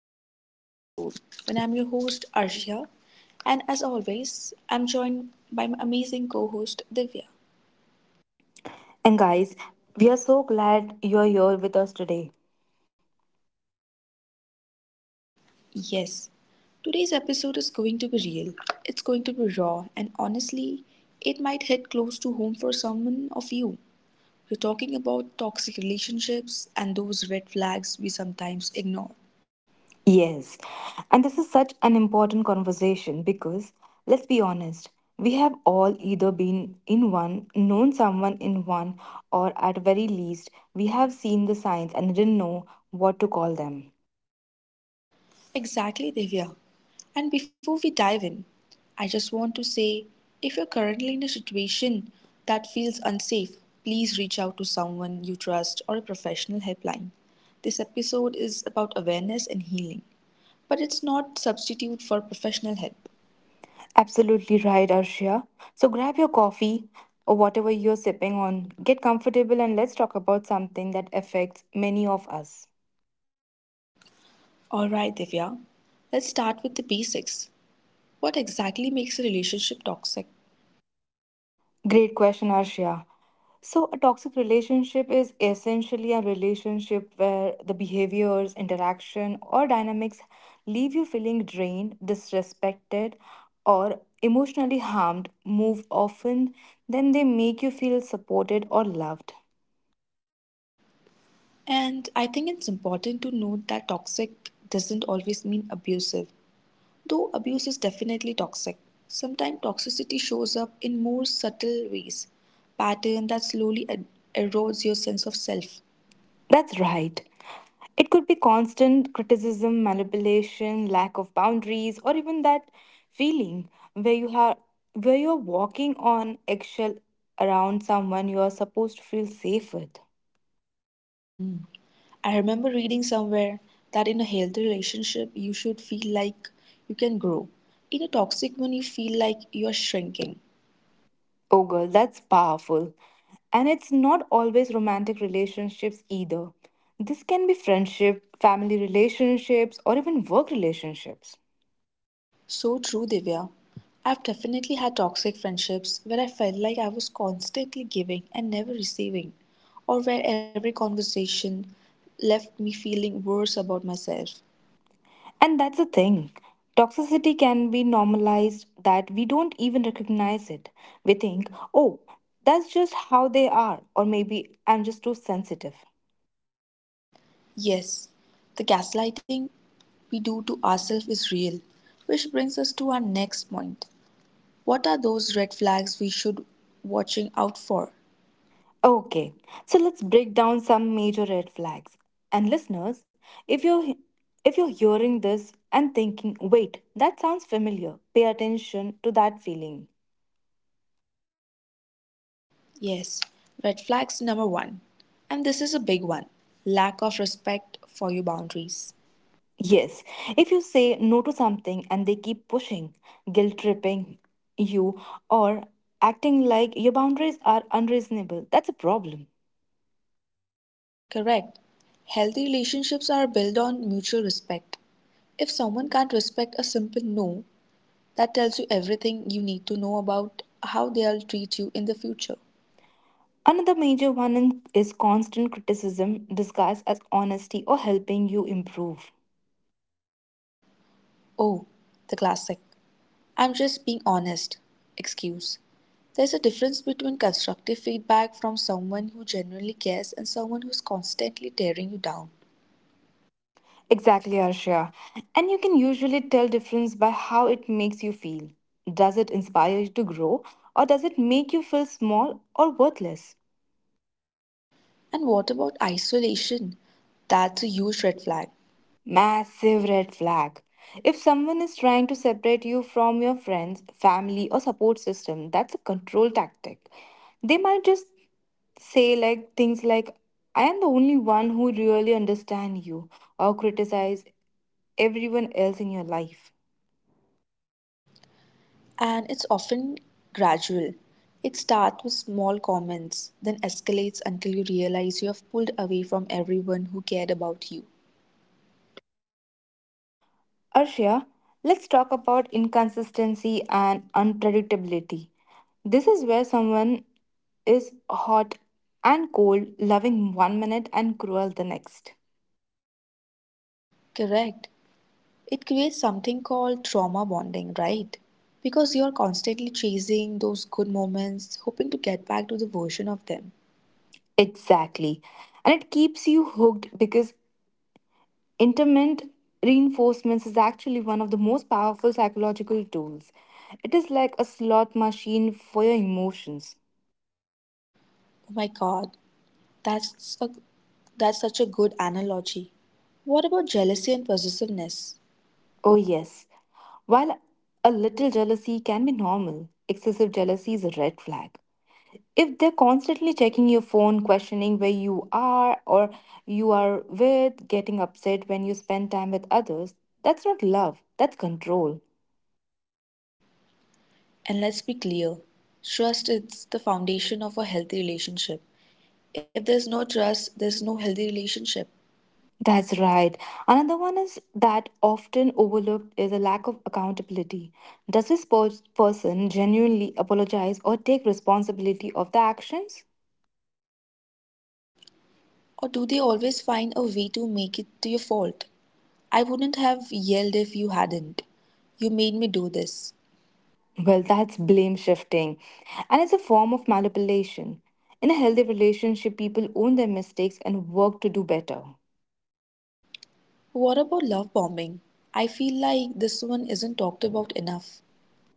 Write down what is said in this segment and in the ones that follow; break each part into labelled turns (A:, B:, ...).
A: back to another episode. And I'm your host Arshia, and as always, I'm joined by my amazing co host Divya.
B: And guys, we are so glad you're here with us today.
A: Yes, today's episode is going to be real, it's going to be raw, and honestly, it might hit close to home for someone of you. We're talking about toxic relationships and those red flags we sometimes ignore.
B: Yes. And this is such an important conversation because, let's be honest, we have all either been in one, known someone in one, or at very least, we have seen the signs and didn't know what to call them.
A: Exactly, Divya. And before we dive in, I just want to say if you're currently in a situation that feels unsafe, please reach out to someone you trust or a professional helpline. This episode is about awareness and healing, but it's not substitute for professional help.
B: Absolutely right, Arshia. So grab your coffee or whatever you're sipping on, get comfortable, and let's talk about something that affects many of us.
A: All right, Divya. Let's start with the basics. What exactly makes a relationship toxic?
B: Great question, Arshia. So, a toxic relationship is essentially a relationship where the behaviors, interaction, or dynamics leave you feeling drained, disrespected, or emotionally harmed more often than they make you feel supported or loved.
A: And I think it's important to note that toxic doesn't always mean abusive. Though abuse is definitely toxic, sometimes toxicity shows up in more subtle ways, pattern that slowly erodes your sense of self.
B: That's right. It could be constant criticism, manipulation, lack of boundaries, or even that feeling where you are where you're walking on eggshell around someone you are supposed to feel safe with.
A: I remember reading somewhere that in a healthy relationship you should feel like you can grow. In a toxic one you feel like you are shrinking.
B: Oh girl, that's powerful. And it's not always romantic relationships either. This can be friendship, family relationships, or even work relationships.
A: So true, Divya. I've definitely had toxic friendships where I felt like I was constantly giving and never receiving, or where every conversation left me feeling worse about myself.
B: And that's the thing. Toxicity can be normalized that we don't even recognize it. We think, oh, that's just how they are, or maybe I'm just too sensitive.
A: Yes, the gaslighting we do to ourselves is real, which brings us to our next point. What are those red flags we should watching out for?
B: Okay, so let's break down some major red flags. And listeners, if you're if you're hearing this and thinking, wait, that sounds familiar, pay attention to that feeling.
A: Yes, red flags number 1. And this is a big one. Lack of respect for your boundaries.
B: Yes, if you say no to something and they keep pushing, guilt tripping you, or acting like your boundaries are unreasonable, that's a problem.
A: Correct. Healthy relationships are built on mutual respect. If someone can't respect a simple no, that tells you everything you need to know about how they'll treat you in the future.
B: Another major one is constant criticism disguised as honesty or helping you improve.
A: Oh, the classic. I'm just being honest. Excuse. There's a difference between constructive feedback from someone who genuinely cares and someone who's constantly tearing you down.
B: Exactly, Arshia. And you can usually tell difference by how it makes you feel. Does it inspire you to grow or does it make you feel small or worthless?
A: And what about isolation? That's a huge red flag.
B: Massive red flag. If someone is trying to separate you from your friends, family, or support system, that's a control tactic. They might just say like things like I am the only one who really understands you or criticize everyone else in your life.
A: And it's often gradual. It starts with small comments, then escalates until you realize you have pulled away from everyone who cared about you.
B: Arshia, let's talk about inconsistency and unpredictability. This is where someone is hot and cold, loving one minute and cruel the next.
A: Correct. It creates something called trauma bonding, right? Because you're constantly chasing those good moments, hoping to get back to the version of them.
B: Exactly. And it keeps you hooked because intermittent reinforcements is actually one of the most powerful psychological tools. It is like a slot machine for your emotions.
A: Oh my god, that's a that's such a good analogy. What about jealousy and possessiveness?
B: Oh, yes. While a little jealousy can be normal, excessive jealousy is a red flag. If they're constantly checking your phone, questioning where you are or you are with, getting upset when you spend time with others, that's not love, that's control.
A: And let's be clear, trust is the foundation of a healthy relationship. If there's no trust, there's no healthy relationship.
B: That's right. Another one is that often overlooked is a lack of accountability. Does this person genuinely apologize or take responsibility of the actions?
A: Or do they always find a way to make it to your fault? I wouldn't have yelled if you hadn't. You made me do this.
B: Well, that's blame shifting, and it's a form of manipulation. In a healthy relationship, people own their mistakes and work to do better.
A: What about love bombing? I feel like this one isn't talked about enough.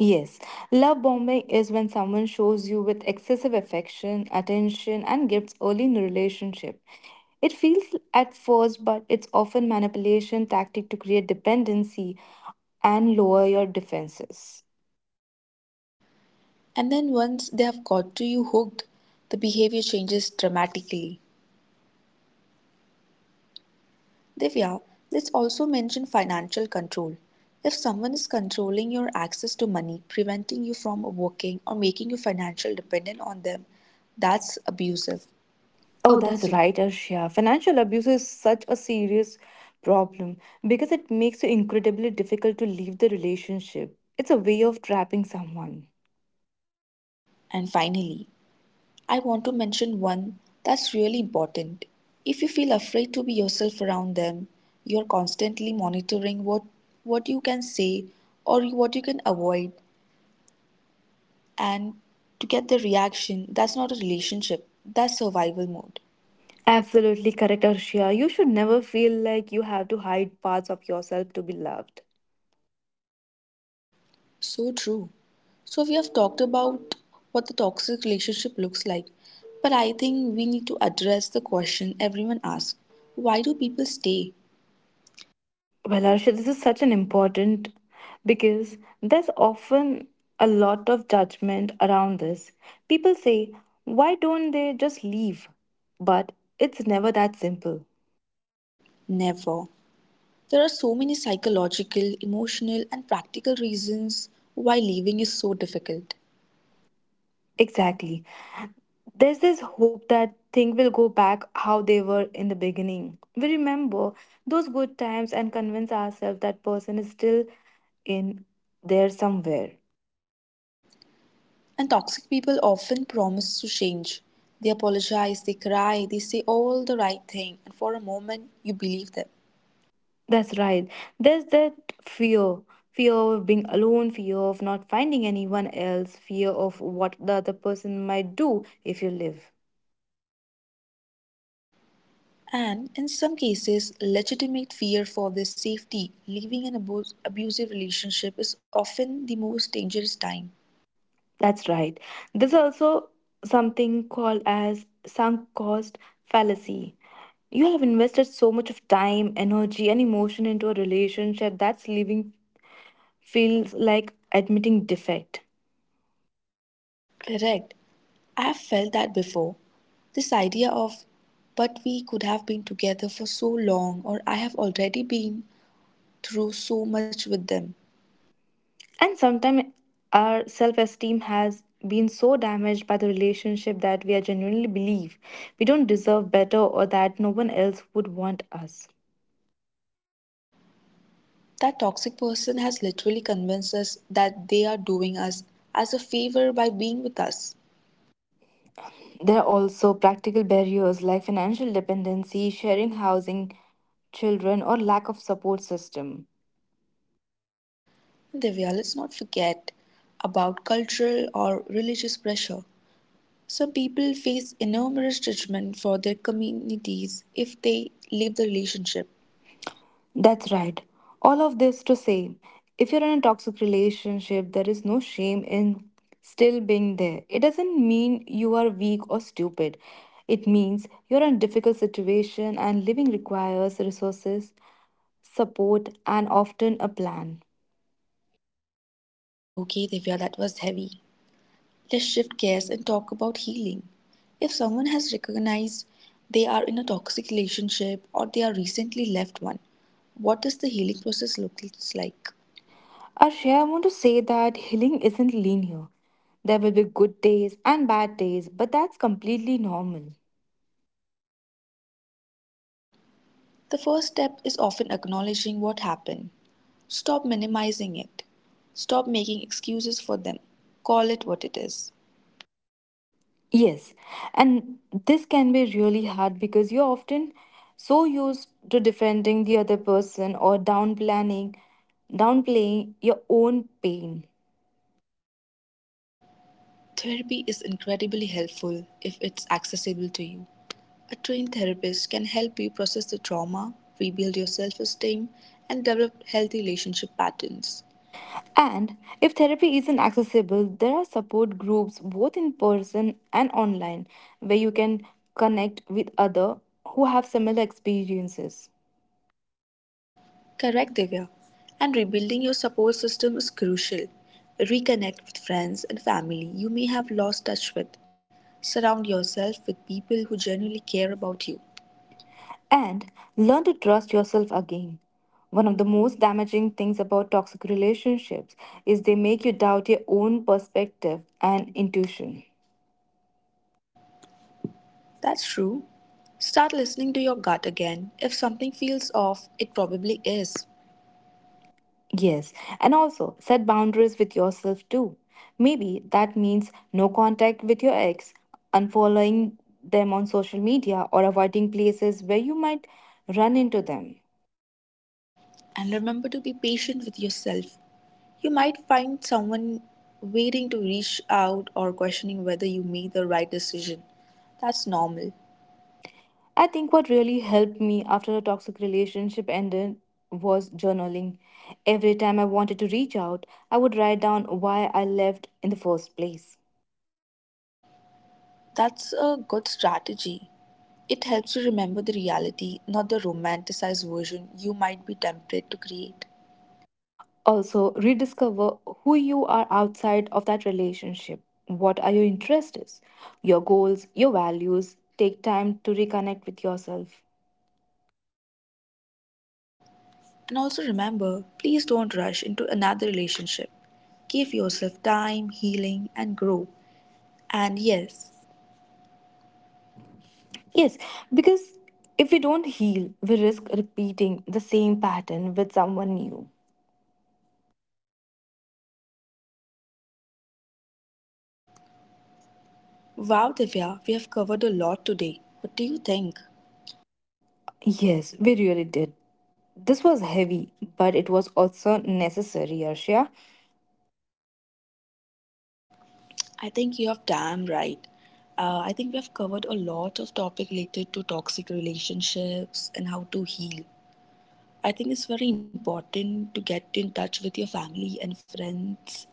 B: Yes, love bombing is when someone shows you with excessive affection, attention, and gifts early in a relationship. It feels at first, but it's often manipulation tactic to create dependency and lower your defenses.
A: And then once they have got to you hooked, the behavior changes dramatically. Divya, let's also mention financial control. If someone is controlling your access to money, preventing you from working, or making you financially dependent on them, that's abusive.
B: Oh,
A: Oh, that's
B: that's
A: right.
B: right, Arshia. Financial abuse is such a serious problem because it makes you incredibly difficult to leave the relationship. It's a way of trapping someone.
A: And finally, I want to mention one that's really important. If you feel afraid to be yourself around them, you're constantly monitoring what you can say or what you can avoid and to get the reaction, that's not a relationship, that's survival mode.
B: Absolutely correct, Arshia. You should never feel like you have to hide parts of yourself to be loved.
A: So true. So we have talked about what the toxic relationship looks like, but I think we need to address the question everyone asks. Why do people stay?
B: Well, Arshia, this is such an important because there's often a lot of judgment around this. People say, why don't they just leave? But it's never that simple.
A: Never. There are so many psychological, emotional, and practical reasons why leaving is so difficult.
B: Exactly. There's this hope that things will go back how they were in the beginning. We remember those good times and convince ourselves that person is still in there somewhere.
A: And toxic people often promise to change. They apologize, they cry, they say all the right thing, and for a moment you believe them.
B: That's right. There's that fear fear of being alone, fear of not finding anyone else, fear of what the other person might do if you live.
A: And in some cases, legitimate fear for their safety, leaving an abusive relationship is often the most dangerous time.
B: That's right. There's also something called as sunk cost fallacy. You have invested so much of time, energy, and emotion into a relationship that's leaving feels like admitting defect.
A: Correct. I've felt that before. This idea of, but we could have been together for so long, or I have already been through so much with them.
B: And sometimes our self esteem has been so damaged by the relationship that we are genuinely believe we don't deserve better or that no one else would want us.
A: That toxic person has literally convinced us that they are doing us as a favor by being with us.
B: There are also practical barriers like financial dependency, sharing housing, children, or lack of support system.
A: And Divya, let's not forget about cultural or religious pressure. Some people face enormous judgment for their communities if they leave the relationship.
B: That's right. All of this to say, if you're in a toxic relationship, there is no shame in still being there. It doesn't mean you are weak or stupid. It means you're in a difficult situation and living requires resources, support, and often a plan.
A: Okay, Divya, that was heavy. Let's shift gears and talk about healing. If someone has recognized they are in a toxic relationship or they are recently left one, what does the healing process look like?
B: Arshia, I want to say that healing isn't linear. There will be good days and bad days, but that's completely normal.
A: The first step is often acknowledging what happened. Stop minimizing it. Stop making excuses for them. Call it what it is.
B: Yes, and this can be really hard because you're often so used to defending the other person or downplaying your own pain.
A: Therapy is incredibly helpful if it's accessible to you. A trained therapist can help you process the trauma, rebuild your self esteem, and develop healthy relationship patterns.
B: And if therapy isn't accessible, there are support groups both in person and online where you can connect with other who have similar experiences.
A: Correct, Divya. And rebuilding your support system is crucial. Reconnect with friends and family you may have lost touch with. Surround yourself with people who genuinely care about you.
B: And learn to trust yourself again. One of the most damaging things about toxic relationships is they make you doubt your own perspective and intuition.
A: That's true. Start listening to your gut again. If something feels off, it probably is.
B: Yes, and also set boundaries with yourself too. Maybe that means no contact with your ex, unfollowing them on social media, or avoiding places where you might run into them.
A: And remember to be patient with yourself. You might find someone waiting to reach out or questioning whether you made the right decision. That's normal.
B: I think what really helped me after a toxic relationship ended was journaling. Every time I wanted to reach out, I would write down why I left in the first place.
A: That's a good strategy. It helps you remember the reality, not the romanticized version you might be tempted to create.
B: Also, rediscover who you are outside of that relationship. What are your interests, your goals, your values? Take time to reconnect with yourself.
A: And also remember please don't rush into another relationship. Give yourself time, healing, and grow. And yes,
B: Yes, because if we don't heal, we risk repeating the same pattern with someone new.
A: wow, Divya, we have covered a lot today. What do you think?
B: Yes, we really did. This was heavy, but it was also necessary, Arshia.
A: I think you have damn right. I think we have covered a lot of topic related to toxic relationships and how to heal. I think it's very important to get in touch with your family and friends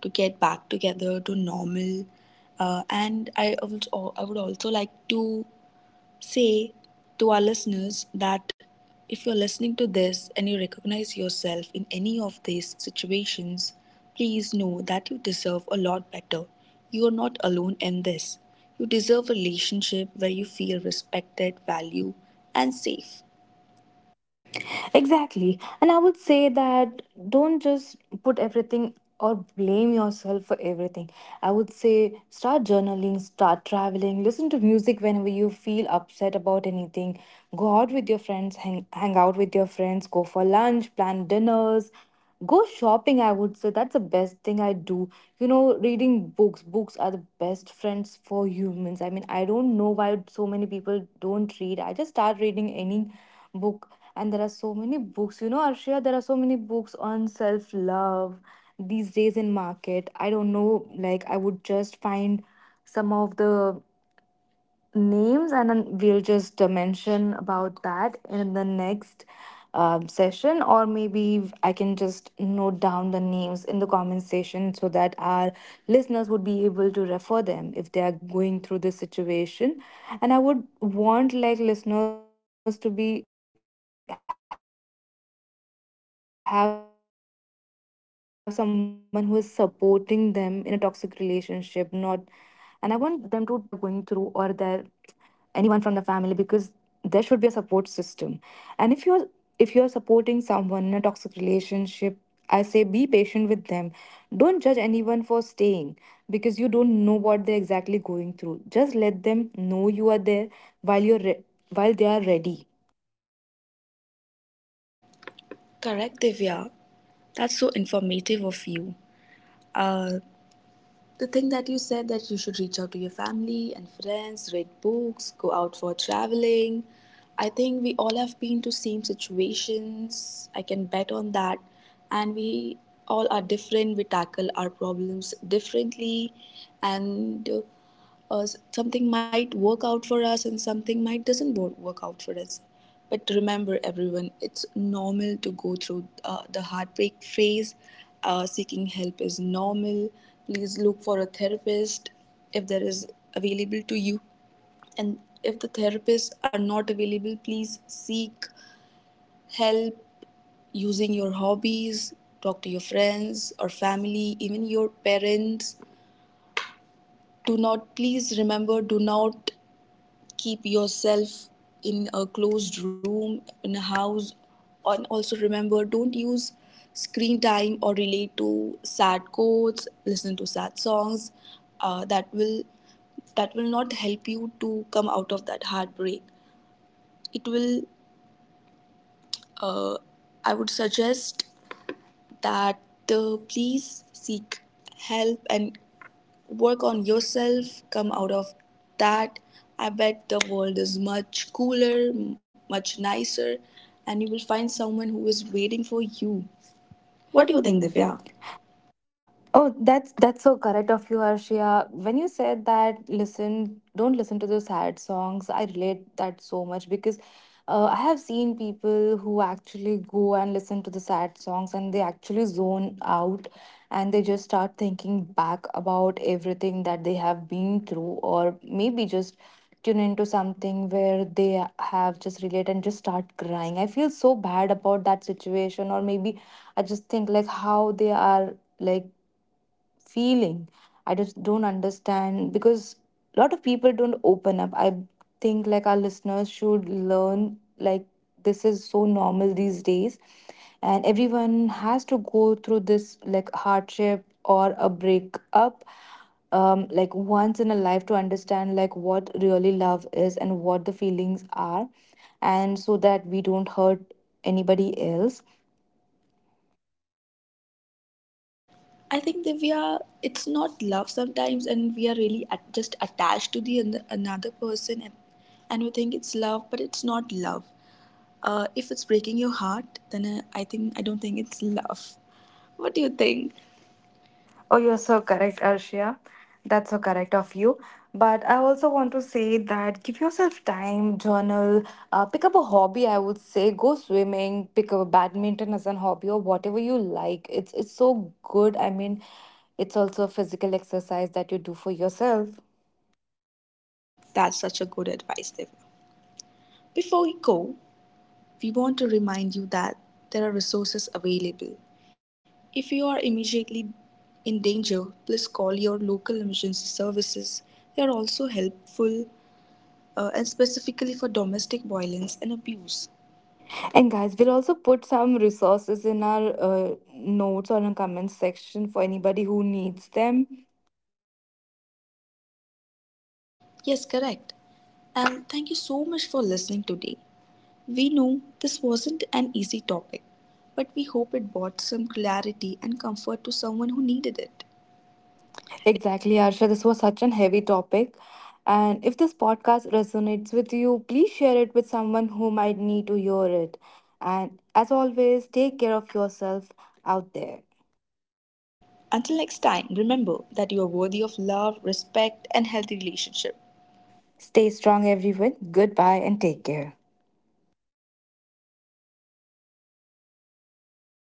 A: to get back together to normal. And I would also like to say to our listeners that if you're listening to this and you recognize yourself in any of these situations, please know that you deserve a lot better. You are not alone in this. You deserve a relationship where you feel respected, valued, and safe.
B: Exactly. And I would say that don't just put everything or blame yourself for everything. I would say start journaling, start traveling, listen to music whenever you feel upset about anything. Go out with your friends, hang out with your friends, go for lunch, plan dinners, go shopping, I would say. That's the best thing I do. You know, reading books. Books are the best friends for humans. I mean, I don't know why so many people don't read. I just start reading any book, and there are so many books. You know, Arshia, there are so many books on self love these days in market. I don't know, like, I would just find some of the names and then we'll just mention about that in the next session, or maybe I can just note down the names in the comment section so that our listeners would be able to refer them if they are going through this situation. And I would want like listeners to be have someone who is supporting them in a toxic relationship, not, and I want them to tell their friends about what they are going through or their anyone from the family because there should be a support system. And if you're supporting someone in a toxic relationship, I say be patient with them, don't judge anyone for staying because you don't know what they're exactly going through. Just let them know you are there while you're re- while they are ready.
A: Correct, Divya. That's so informative of you. Uh, the thing that you said that you should reach out to your family and friends, read books, go out for traveling. I think we all have been to same situations. I can bet on that. And we all are different. We tackle our problems differently. And something might work out for us and something might doesn't work out for us, but remember everyone, it's normal to go through the heartbreak phase. Uh, seeking help is normal. Please look for a therapist if there is available to you, and if the therapists are not available, please seek help using your hobbies. Talk to your friends or family, even your parents. Do not, please remember, do not keep yourself in a closed room in a house. And also remember, don't use screen time or relate to sad quotes, listen to sad songs. Uh, that will that will not help you to come out of that heartbreak. It will, I would suggest that, please seek help and work on yourself, come out of that. I bet the world is much cooler, much nicer, and you will find someone who is waiting for you. What
B: What
A: do
B: do
A: you
B: you
A: think,
B: think,
A: Divya?
B: Divya? Oh, that's so correct of you, Arshia. When you said that, listen, don't listen to the sad songs. I relate that so much because I have seen people who actually go and listen to the sad songs and they actually zone out, and they just start thinking back about everything that they have been through, or maybe just tune into something where they have just relate and just start crying. I feel so bad about that situation, or maybe I just think like how they are like feeling. I just don't understand because a lot of people don't open up. I think like our listeners should learn like this is so normal these days, and everyone has to go through this like hardship or a breakup like once in a life to understand like what really love is and what the feelings are, and so that we don't hurt anybody else.
A: I think Divya, it's not love sometimes, and we are really at, just attached to the another person, and we think it's love, but it's not love. If it's breaking your heart, then I think I don't think it's love. What do you think?
B: Oh, you're so correct, Arshia. That's so correct of you. But I also want to say that give yourself time, journal, pick up a hobby. I would say go swimming, pick up badminton as a hobby or whatever you like. It's so good. I mean, it's also a physical exercise that you do for yourself.
A: That's such a good advice, Divya. Before we go, we want to remind you that there are resources available. If you are immediately in danger, please call your local emergency services. They are also helpful, and specifically for domestic violence and abuse.
B: And guys, we'll also put some resources in our notes or in our comments section for anybody who needs them.
A: Yes, correct. And thank you so much for listening today. We know this wasn't an easy topic, but we hope it brought some clarity and comfort to someone who needed it.
B: Exactly, Arsha. This was such an heavy topic. And if this podcast resonates with you, please share it with someone who might need to hear it. And as always, take care of yourself out there.
A: Until next time, remember that you are worthy of love, respect, and healthy relationship.
B: Stay strong, everyone. Goodbye and take care.